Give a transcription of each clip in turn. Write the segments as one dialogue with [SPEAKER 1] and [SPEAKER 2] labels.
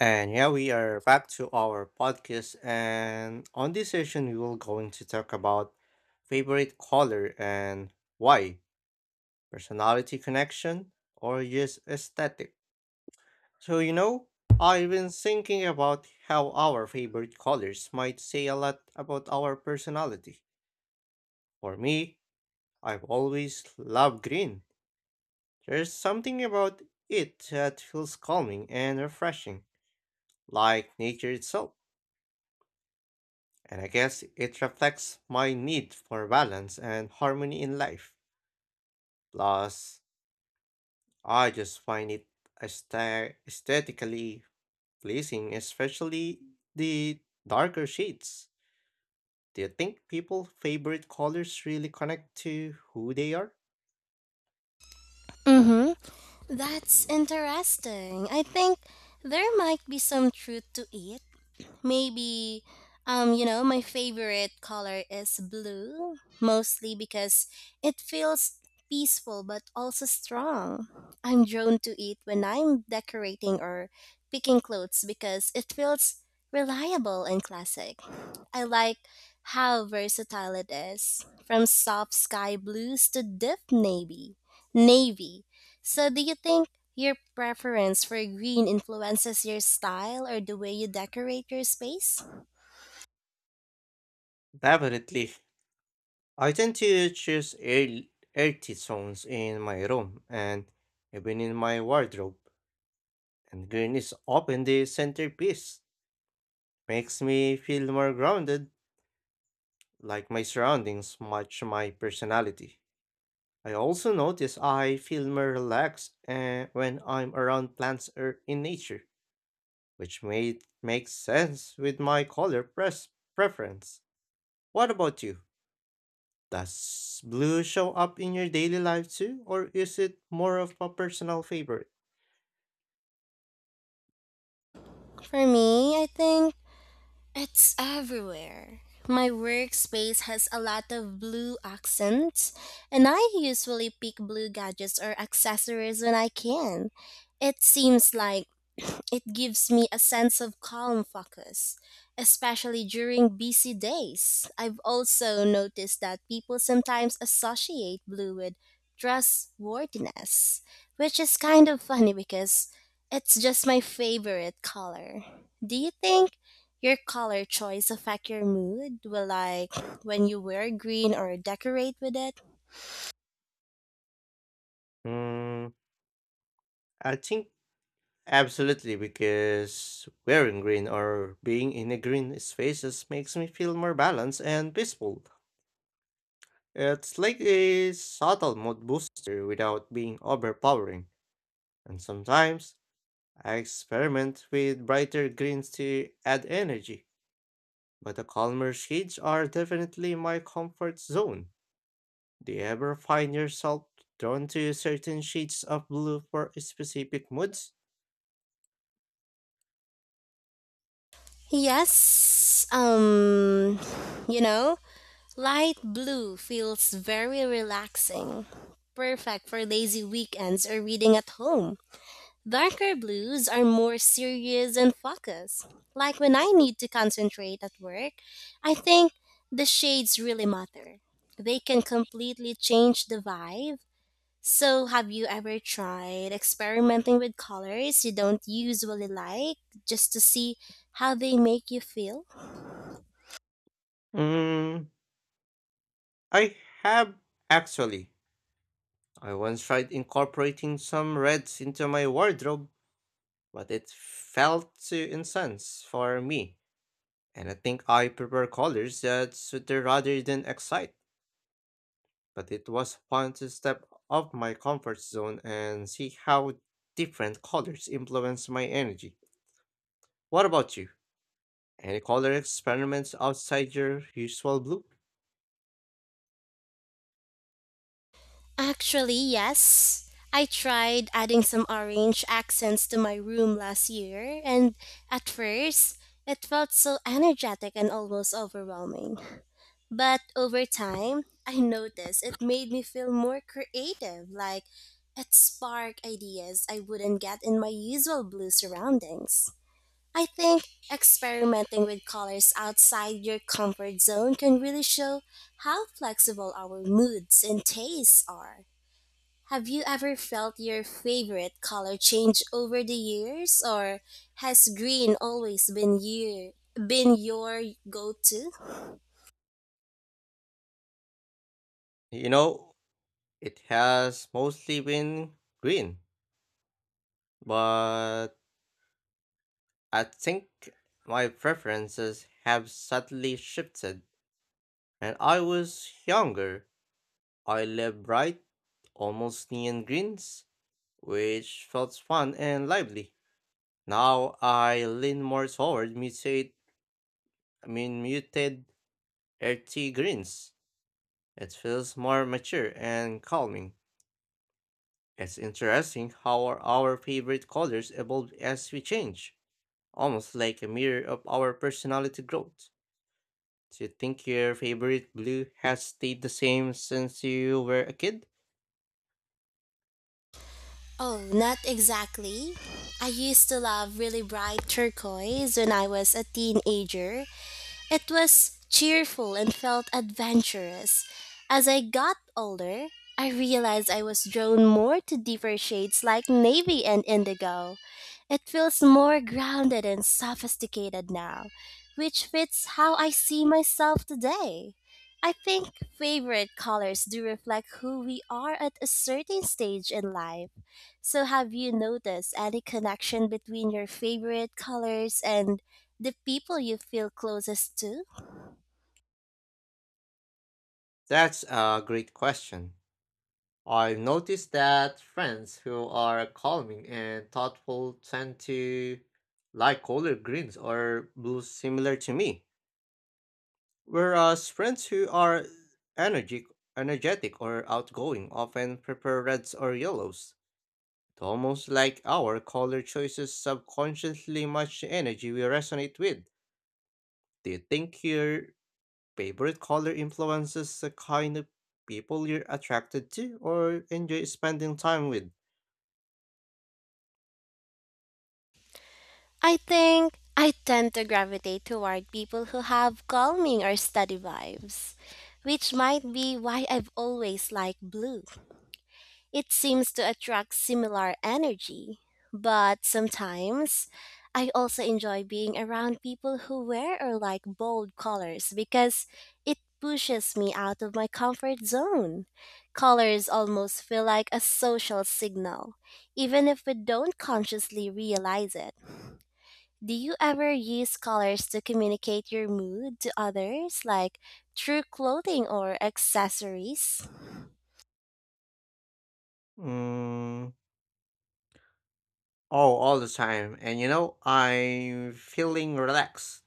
[SPEAKER 1] And yeah, we are back to our podcast. And on this session, we will going to talk about favorite color and why, personality connection, or just aesthetic. So, you know, I've been thinking about how our favorite colors might say a lot about our personality. For me, I've always loved green. There's something about it that feels calming and refreshing, like nature itself. And I guess it reflects my need for balance and harmony in life. Plus, I just find it aesthetically pleasing, especially the darker shades. Do you think people's favorite colors really connect to who they are?
[SPEAKER 2] Mm-hmm. That's interesting. I think there might be some truth to it, maybe, you know, my favorite color is blue, mostly because it feels peaceful but also strong. I'm drawn to it when I'm decorating or picking clothes because it feels reliable and classic. I like how versatile it is, from soft sky blues to deep navy. So do you think your preference for green influences your style or the way you decorate your space?
[SPEAKER 1] Definitely. I tend to choose earthy tones in my room and even in my wardrobe, and green is often the centerpiece. Makes me feel more grounded like my surroundings match my personality. I also notice I feel more relaxed when I'm around plants or in nature, which made makes sense with my color preference. What about you? Does blue show up in your daily life too, or is it more of a personal favorite?
[SPEAKER 2] For me, I think it's everywhere. My workspace has a lot of blue accents, and I usually pick blue gadgets or accessories when I can. It seems like it gives me a sense of calm focus, especially during busy days. I've also noticed that people sometimes associate blue with trustworthiness, which is kind of funny because it's just my favorite color. Do you think your color choice affect your mood? Well, like when you wear green or decorate with it?
[SPEAKER 1] Mm, I think absolutely because wearing green or being in a green spaces makes me feel more balanced and peaceful. It's like a subtle mood booster without being overpowering, and sometimes I experiment with brighter greens to add energy, but the calmer shades are definitely my comfort zone. Do you ever find yourself drawn to certain shades of blue for specific moods?
[SPEAKER 2] Yes. You know, light blue feels very relaxing, perfect for lazy weekends or reading at home. Darker blues are more serious and focused. Like when I need to concentrate at work, I think the shades really matter. They can completely change the vibe. So, have you ever tried experimenting with colors you don't usually like just to see how they make you feel?
[SPEAKER 1] Mm, I have actually. I once tried incorporating some reds into my wardrobe, but it felt too intense for me. And I think I prefer colors that sweeter rather than excite. But it was fun to step off my comfort zone and see how different colors influence my energy. What about you? Any color experiments outside your usual blue?
[SPEAKER 2] Actually, yes. I tried adding some orange accents to my room last year, and at first, it felt so energetic and almost overwhelming. But over time, I noticed it made me feel more creative, like it sparked ideas I wouldn't get in my usual blue surroundings. I think experimenting with colors outside your comfort zone can really show how flexible our moods and tastes are. Have you ever felt your favorite color change over the years, or has green always been your go-to?
[SPEAKER 1] You know, it has mostly been green, but I think my preferences have subtly shifted. When I was younger, I love bright, almost neon greens, which felt fun and lively. Now I lean more toward mutate, I mean muted earthy greens. It feels more mature and calming. It's interesting how our favorite colors evolve as we change, almost like a mirror of our personality growth. Do you think your favorite blue has stayed the same since you were a kid?
[SPEAKER 2] Oh, not exactly. I used to love really bright turquoise when I was a teenager. It was cheerful and felt adventurous. As I got older, I realized I was drawn more to deeper shades like navy and indigo. It feels more grounded and sophisticated now, which fits how I see myself today. I think favorite colors do reflect who we are at a certain stage in life. So, have you noticed any connection between your favorite colors and the people you feel closest to?
[SPEAKER 1] That's a great question. I noticed that friends who are calming and thoughtful tend to like color greens or blues similar to me, whereas friends who are energetic, energetic or outgoing often prefer reds or yellows. It's almost like our color choices subconsciously match the energy we resonate with. Do you think your favorite color influences the kind of people you're attracted to or enjoy spending time with?
[SPEAKER 2] I think I tend to gravitate toward people who have calming or steady vibes, which might be why I've always liked blue. It seems to attract similar energy, but sometimes I also enjoy being around people who wear or like bold colors because it pushes me out of my comfort zone. Colors almost feel like a social signal, even if we don't consciously realize it. Do you ever use colors to communicate your mood to others, like through clothing or accessories?
[SPEAKER 1] Mm, oh, all the time. And you know, I'm feeling relaxed.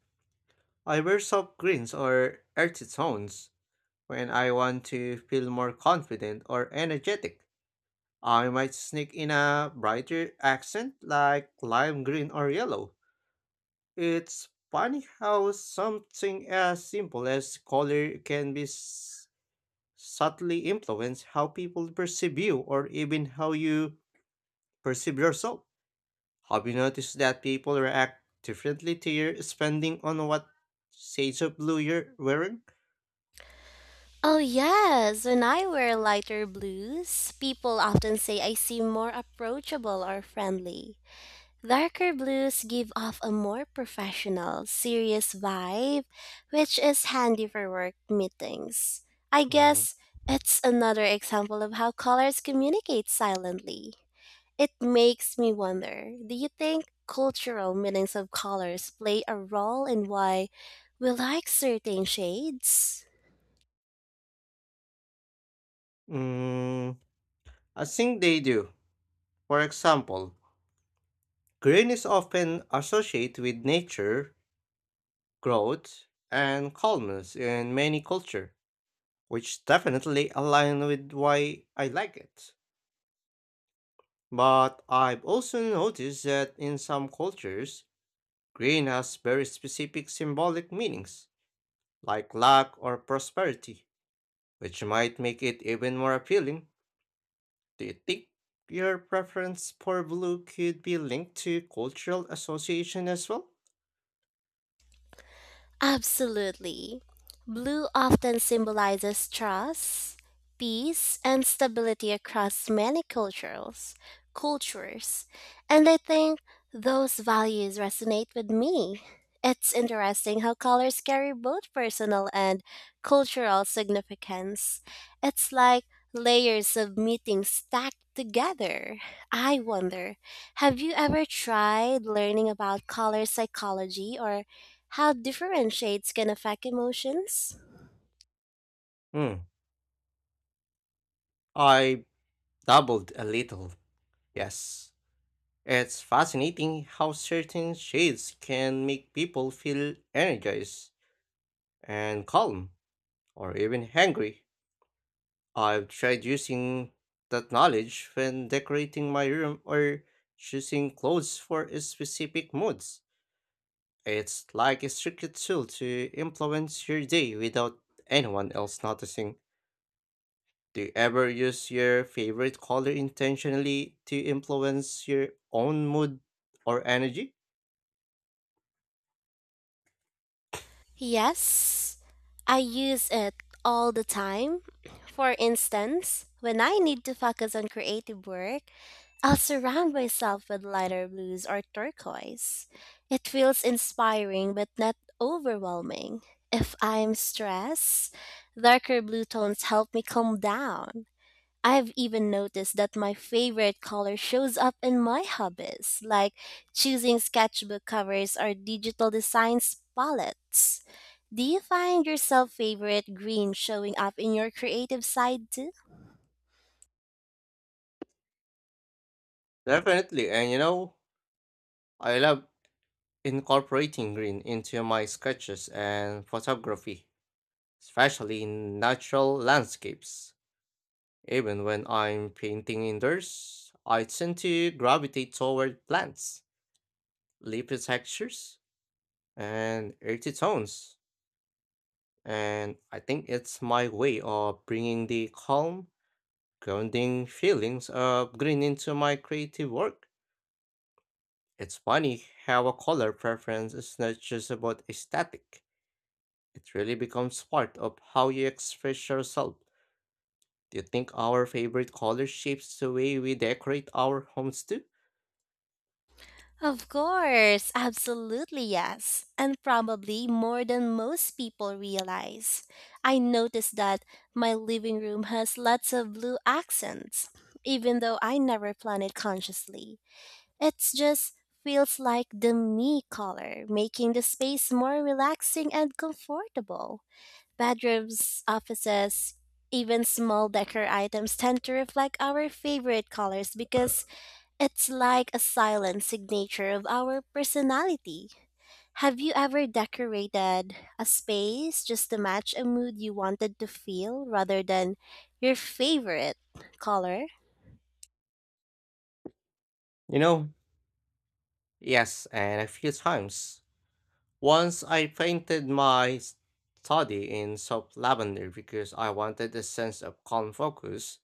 [SPEAKER 1] I wear soft greens or earthy tones when I want to feel more confident or energetic. I might sneak in a brighter accent like lime green or yellow. It's funny how something as simple as color can subtly influence how people perceive you or even how you perceive yourself. Have you noticed that people react differently to your spending on what shades of blue you're wearing?
[SPEAKER 2] Oh, yes. When I wear lighter blues, people often say I seem more approachable or friendly. Darker blues give off a more professional, serious vibe, which is handy for work meetings. I
[SPEAKER 1] Mm.
[SPEAKER 2] guess it's another example of how colors communicate silently. It makes me wonder, do you think cultural meanings of colors play a role in why we like certain shades?
[SPEAKER 1] Mm, I think they do. For example, green is often associated with nature, growth, and calmness in many cultures, which definitely align with why I like it. But I've also noticed that in some cultures, green has very specific symbolic meanings, like luck or prosperity, which might make it even more appealing. Do you think your preference for blue could be linked to cultural association as well?
[SPEAKER 2] Absolutely. Blue often symbolizes trust, peace, and stability across many cultures. And I think those values resonate with me. It's interesting how colors carry both personal and cultural significance. It's like layers of meanings stacked together. I wonder, have you ever tried learning about color psychology or how differentiates can affect emotions?
[SPEAKER 1] Hmm, I doubled a little. Yes. It's fascinating how certain shades can make people feel energized and calm, or even hangry. I've tried using that knowledge when decorating my room or choosing clothes for specific moods. It's like a secret tool to influence your day without anyone else noticing. Do you ever use your favorite color intentionally to influence your own mood or energy?
[SPEAKER 2] Yes, I use it all the time. For instance, when I need to focus on creative work, I'll surround myself with lighter blues or turquoise. It feels inspiring but not overwhelming. If I'm stressed, darker blue tones help me calm down. I've even noticed that my favorite color shows up in my hobbies, like choosing sketchbook covers or digital designs palettes. Do you find yourself favorite green showing up in your creative side too?
[SPEAKER 1] Definitely, and you know, I love incorporating green into my sketches and photography, especially in natural landscapes. Even when I'm painting indoors, I tend to gravitate toward plants, leafy textures, and earthy tones. And I think it's my way of bringing the calm, grounding feelings of green into my creative work. It's funny how a color preference is not just about aesthetic, it really becomes part of how you express yourself. Do you think our favorite color shapes the way we decorate our homes too?
[SPEAKER 2] Of course, absolutely yes, and probably more than most people realize. I noticed that my living room has lots of blue accents, even though I never planned it consciously. It just feels like the me color, making the space more relaxing and comfortable. Bedrooms, offices, even small decor items tend to reflect our favorite colors because it's like a silent signature of our personality. Have you ever decorated a space just to match a mood you wanted to feel rather than your favorite color?
[SPEAKER 1] You know, yes, and a few times. Once I painted my study in soft lavender because I wanted a sense of calm focus.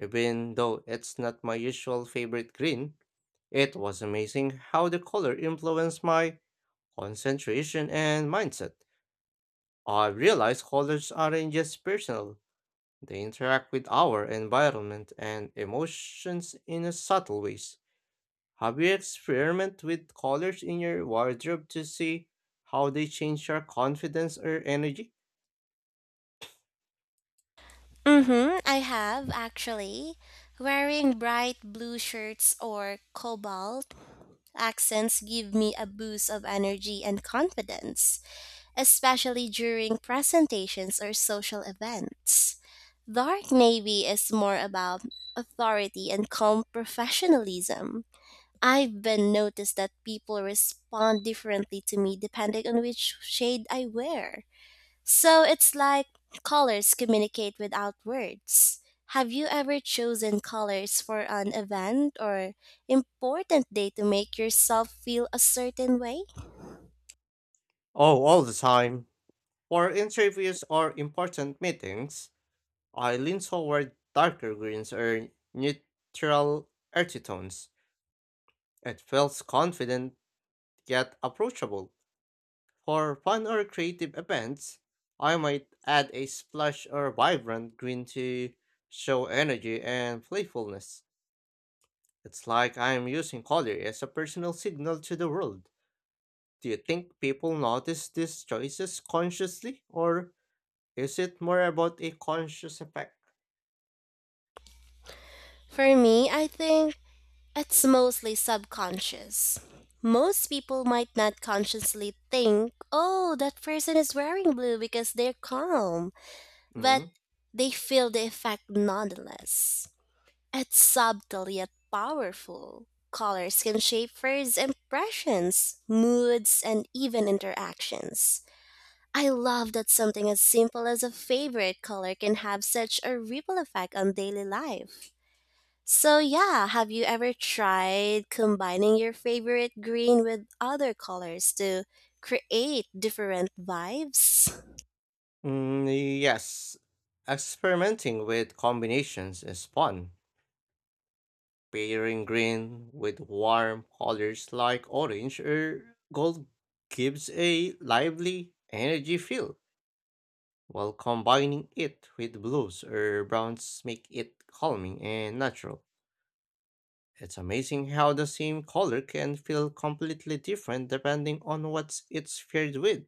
[SPEAKER 1] Even though it's not my usual favorite green, it was amazing how the color influenced my concentration and mindset. I realized colors aren't just personal, they interact with our environment and emotions in a subtle ways. Have you experimented with colors in your wardrobe to see how they change your confidence or energy?
[SPEAKER 2] Mm-hmm, I have actually. Wearing bright blue shirts or cobalt accents give me a boost of energy and confidence, especially during presentations or social events. Dark navy is more about authority and calm professionalism. I've been noticed that people respond differently to me depending on which shade I wear. So it's like colors communicate without words. Have you ever chosen colors for an event or important day to make yourself feel a certain way?
[SPEAKER 1] Oh, all the time. For interviews or important meetings, I lean toward darker greens or neutral earthy tones. It feels confident yet approachable. For fun or creative events, I might add a splash or vibrant green to show energy and playfulness. It's like I am using color as a personal signal to the world. Do you think people notice these choices consciously, or is it more about a conscious effect?
[SPEAKER 2] For me, I think it's mostly subconscious. Most people might not consciously think, oh, that person is wearing blue because they're calm, but
[SPEAKER 1] Mm.
[SPEAKER 2] they feel the effect nonetheless. It's subtle yet powerful. Colors can shape first impressions, moods, and even interactions. I love that something as simple as a favorite color can have such a ripple effect on daily life. So, yeah, have you ever tried combining your favorite green with other colors to create different vibes?
[SPEAKER 1] Yes. Experimenting with combinations is fun. Pairing green with warm colors like orange or gold gives a lively, energy feel, while combining it with blues or browns make it calming and natural. It's amazing how the same color can feel completely different depending on what it's paired with.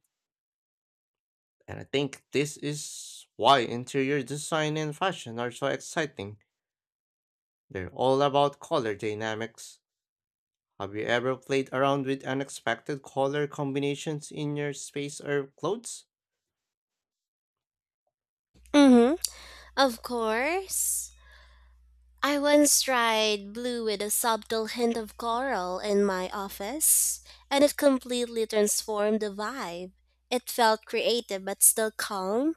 [SPEAKER 1] And I think this is why interior design and fashion are so exciting. They're all about color dynamics. Have you ever played around with unexpected color combinations in your space or clothes?
[SPEAKER 2] Mm hmm, of course. I once tried blue with a subtle hint of coral in my office, and it completely transformed the vibe. It felt creative but still calm,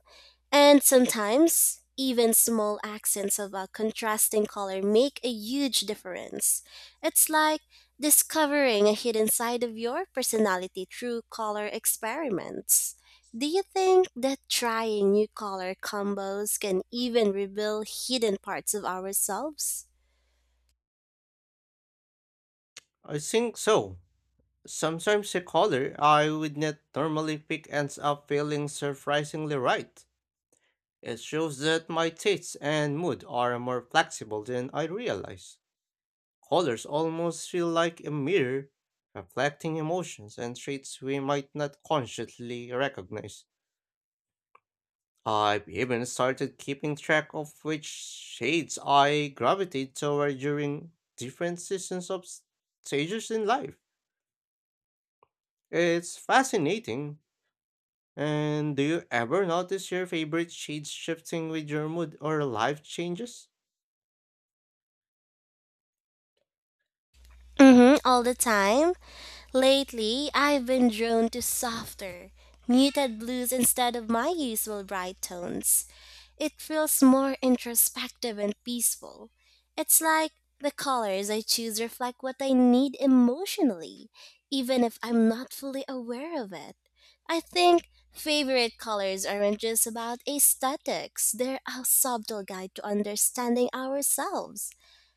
[SPEAKER 2] and sometimes, even small accents of a contrasting color make a huge difference. It's like discovering a hidden side of your personality through color experiments. Do you think that trying new color combos can even reveal hidden parts of ourselves?
[SPEAKER 1] I think so. Sometimes a color I would not normally pick ends up feeling surprisingly right. It shows that my tastes and mood are more flexible than I realize. Colors almost feel like a mirror, reflecting emotions and traits we might not consciously recognize. I've even started keeping track of which shades I gravitate toward during different seasons of stages in life. It's fascinating. And do you ever notice your favorite shades shifting with your mood or life changes?
[SPEAKER 2] Mm-hmm, all the time. Lately, I've been drawn to softer, muted blues instead of my usual bright tones. It feels more introspective and peaceful. It's like the colors I choose reflect what I need emotionally, even if I'm not fully aware of it. I think favorite colors aren't just about aesthetics, they're a subtle guide to understanding ourselves.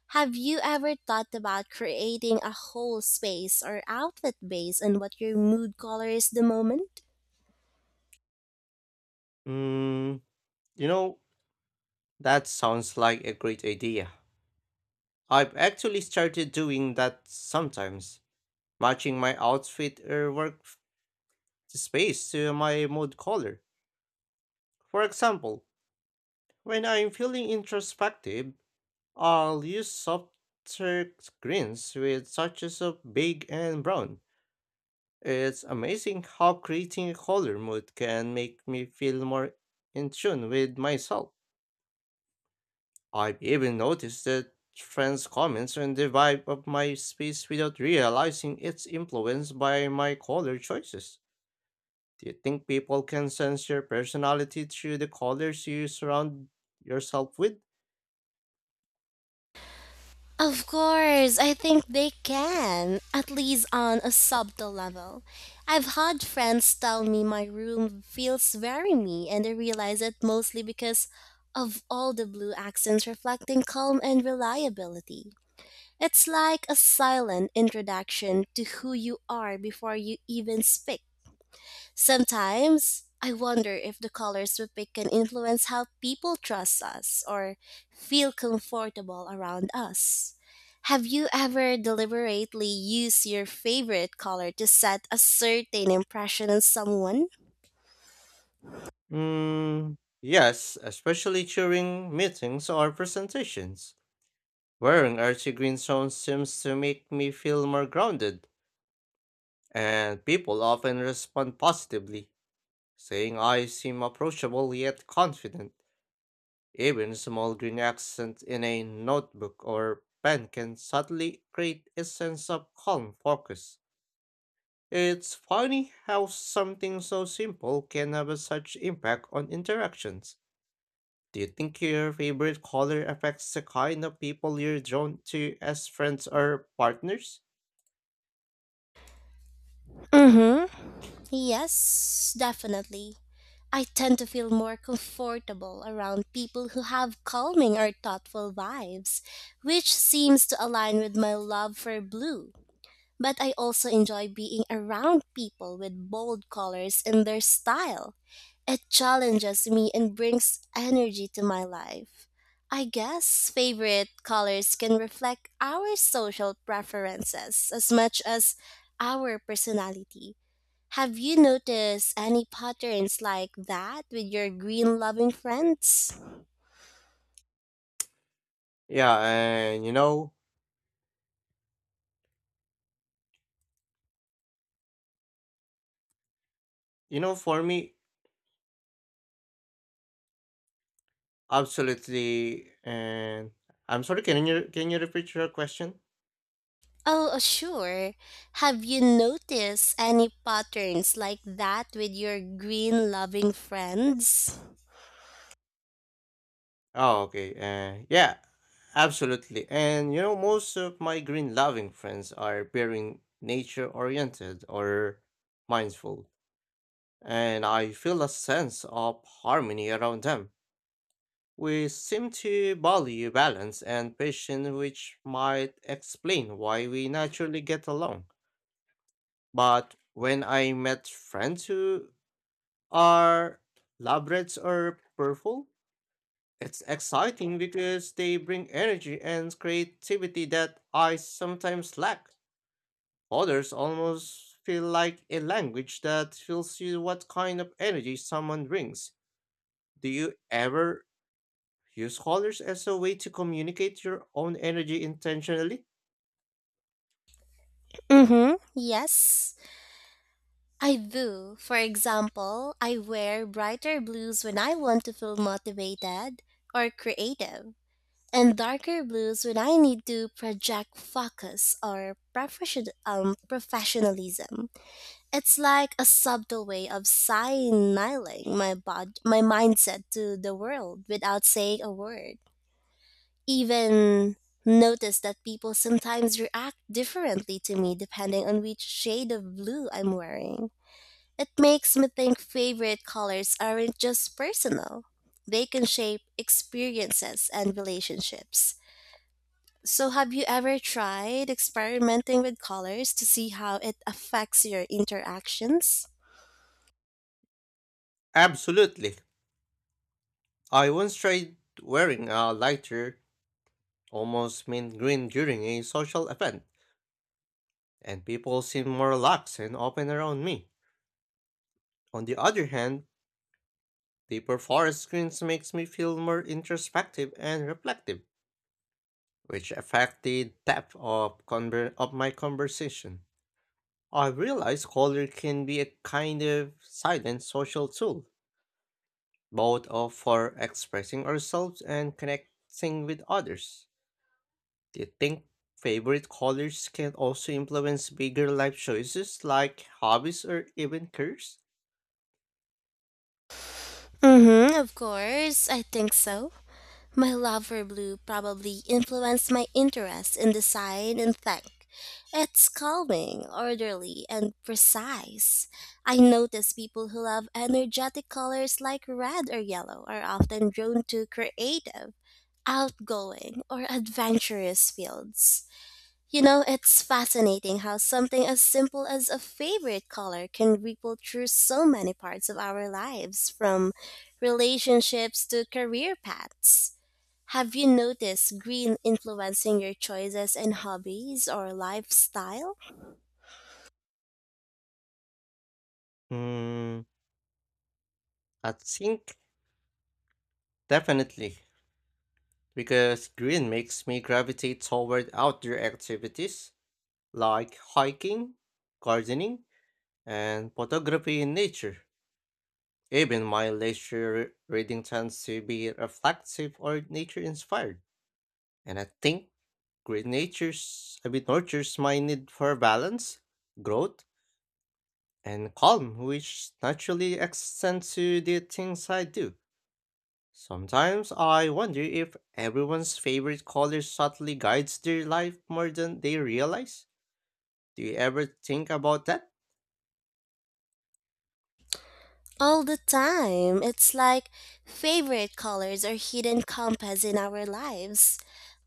[SPEAKER 2] Have you ever thought about creating a whole space or outfit based on what your mood color is the moment?
[SPEAKER 1] Mm, you know, That sounds like a great idea. I've actually started doing that sometimes, matching my outfit or space to my mood color. For example, when I'm feeling introspective, I'll use softer greens with touches of big and brown. It's amazing how creating a color mood can make me feel more in tune with myself. I've even noticed that friends' comments on the vibe of my space without realizing it's influenced by my color choices. Do you think people can sense your personality through the colors you surround yourself with?
[SPEAKER 2] Of course, I think they can, at least on a subtle level. I've had friends tell me my room feels very me, and I realize it mostly because of all the blue accents reflecting calm and reliability. It's like a silent introduction to who you are before you even speak. Sometimes I wonder if the colors we pick can influence how people trust us or feel comfortable around us. Have you ever deliberately used your favorite color to set a certain impression on someone?
[SPEAKER 1] Yes, especially during meetings or presentations. Wearing earthy green tones seems to make me feel more grounded, and people often respond positively, saying I seem approachable yet confident. Even small green accents in a notebook or pen can subtly create a sense of calm focus. It's funny how something so simple can have such impact on interactions. Do you think your favorite color affects the kind of people you're drawn to as friends or partners?
[SPEAKER 2] Mm-hmm. Yes, definitely. I tend to feel more comfortable around people who have calming or thoughtful vibes, which seems to align with my love for blue. But I also enjoy being around people with bold colors and their style. It challenges me and brings energy to my life. I guess favorite colors can reflect our social preferences as much as our personality. Have you noticed any patterns like that with your green loving friends?
[SPEAKER 1] Yeah, and for me, absolutely. And I'm sorry, can you repeat your question?
[SPEAKER 2] Oh, sure. Have you noticed any patterns like that with your green loving friends?
[SPEAKER 1] Oh, okay. Yeah, absolutely. And you know, most of my green loving friends are very nature oriented or mindful, and I feel a sense of harmony around them. We seem to value balance and patience, which might explain why we naturally get along. But when I met friends who are lovebirds or purple, it's exciting because they bring energy and creativity that I sometimes lack. Others almost feel like a language that tells you what kind of energy someone brings. Do you ever use colors as a way to communicate your own energy intentionally?
[SPEAKER 2] Mm-hmm. Yes, I do. For example, I wear brighter blues when I want to feel motivated or creative, and darker blues when I need to project focus or professionalism. It's like a subtle way of signaling my mindset to the world without saying a word. Even notice that people sometimes react differently to me depending on which shade of blue I'm wearing. It makes me think favorite colors aren't just personal. They can shape experiences and relationships. So have you ever tried experimenting with colors to see how it affects your interactions?
[SPEAKER 1] Absolutely. I once tried wearing a lighter, almost mint green during a social event, and people seemed more relaxed and open around me. On the other hand, deeper forest screens makes me feel more introspective and reflective, which affect the depth of, of my conversation. I realize color can be a kind of silent social tool, both of for expressing ourselves and connecting with others. Do you think favorite colors can also influence bigger life choices like hobbies or even careers?
[SPEAKER 2] Mm-hmm, of course. I think so. My love for blue probably influenced my interest in design and tech. It's calming, orderly, and precise. I notice people who love energetic colors like red or yellow are often drawn to creative, outgoing, or adventurous fields. You know, it's fascinating how something as simple as a favorite color can ripple through so many parts of our lives, from relationships to career paths. Have you noticed green influencing your choices in hobbies or lifestyle?
[SPEAKER 1] Hmm, I think definitely, because green makes me gravitate toward outdoor activities like hiking, gardening, and photography in nature. Even my leisure reading tends to be reflective or nature inspired. And I think green nature's a bit nurtures my need for balance, growth, and calm, which naturally extends to the things I do. Sometimes I wonder if everyone's favorite color subtly guides their life more than they realize. Do you ever think about that?
[SPEAKER 2] All the time. It's like favorite colors are hidden compass in our lives.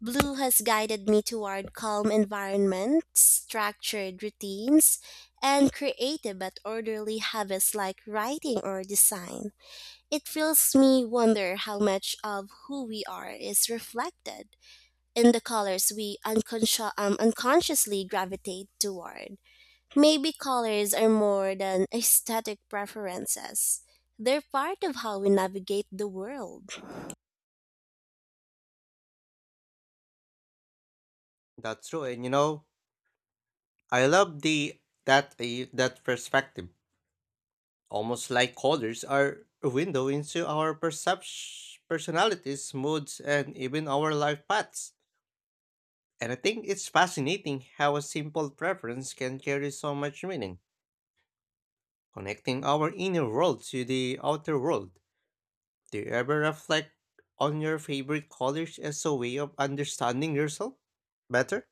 [SPEAKER 2] Blue has guided me toward calm environments, structured routines, and creative but orderly habits like writing or design. It feels me wonder how much of who we are is reflected in the colors we unconsciously gravitate toward. Maybe colors are more than aesthetic preferences. They're part of how we navigate the world.
[SPEAKER 1] That's true, and you know, I love that perspective. Almost like colors are a window into our perception, personalities, moods, and even our life paths. And I think it's fascinating how a simple preference can carry so much meaning, connecting our inner world to the outer world. Do you ever reflect on your favorite colors as a way of understanding yourself better?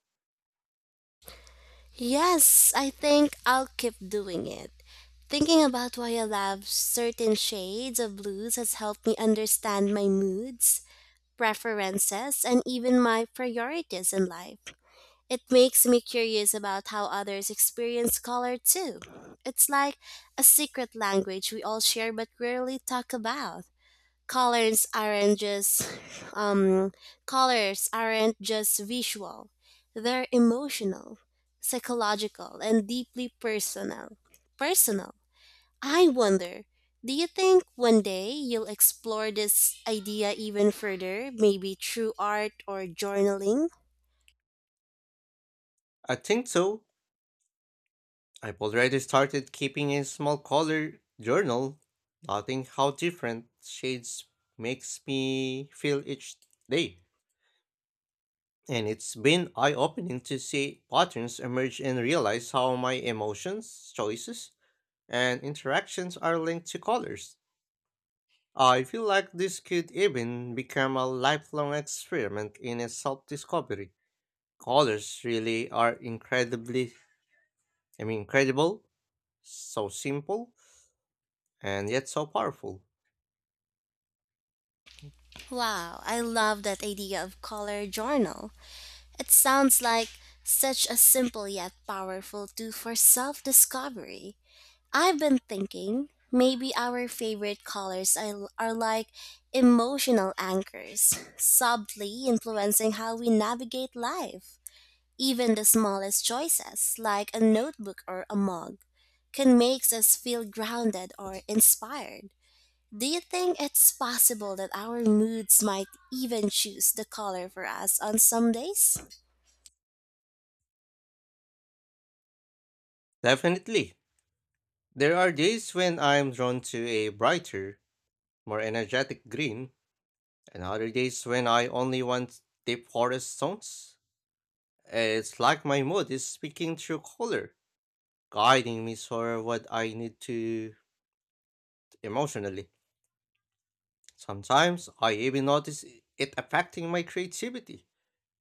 [SPEAKER 2] Yes, I think I'll keep doing it. Thinking about why I love certain shades of blues has helped me understand my moods, preferences, and even my priorities in life. It makes me curious about how others experience color too. It's like a secret language we all share but rarely talk about. colors aren't just um, colors aren't just visual, they're emotional, psychological, and deeply personal. I wonder, do you think one day you'll explore this idea even further, maybe through art or journaling?
[SPEAKER 1] I think so. I've already started keeping a small color journal, noting how different shades makes me feel each day. And it's been eye-opening to see patterns emerge and realize how my emotions, choices, and interactions are linked to colors. I feel like this could even become a lifelong experiment in a self-discovery. Colors really are incredible, so simple, and yet so powerful.
[SPEAKER 2] Wow, I love that idea of color journal. It sounds like such a simple yet powerful tool for self-discovery. I've been thinking maybe our favorite colors are like emotional anchors, subtly influencing how we navigate life. Even the smallest choices, like a notebook or a mug, can make us feel grounded or inspired. Do you think it's possible that our moods might even choose the color for us on some days?
[SPEAKER 1] Definitely. There are days when I'm drawn to a brighter, more energetic green, and other days when I only want deep forest tones. It's like my mood is speaking through color, guiding me toward what I need to emotionally. Sometimes I even notice it affecting my creativity.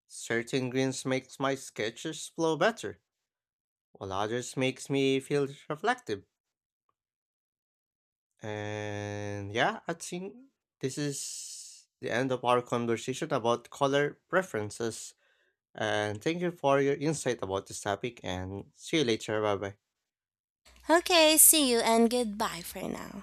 [SPEAKER 1] Certain greens makes my sketches flow better, while others makes me feel reflective. And yeah, I think this is the end of our conversation about color preferences. And thank you for your insight about this topic and see you later. Bye bye.
[SPEAKER 2] Okay, see you and goodbye for now.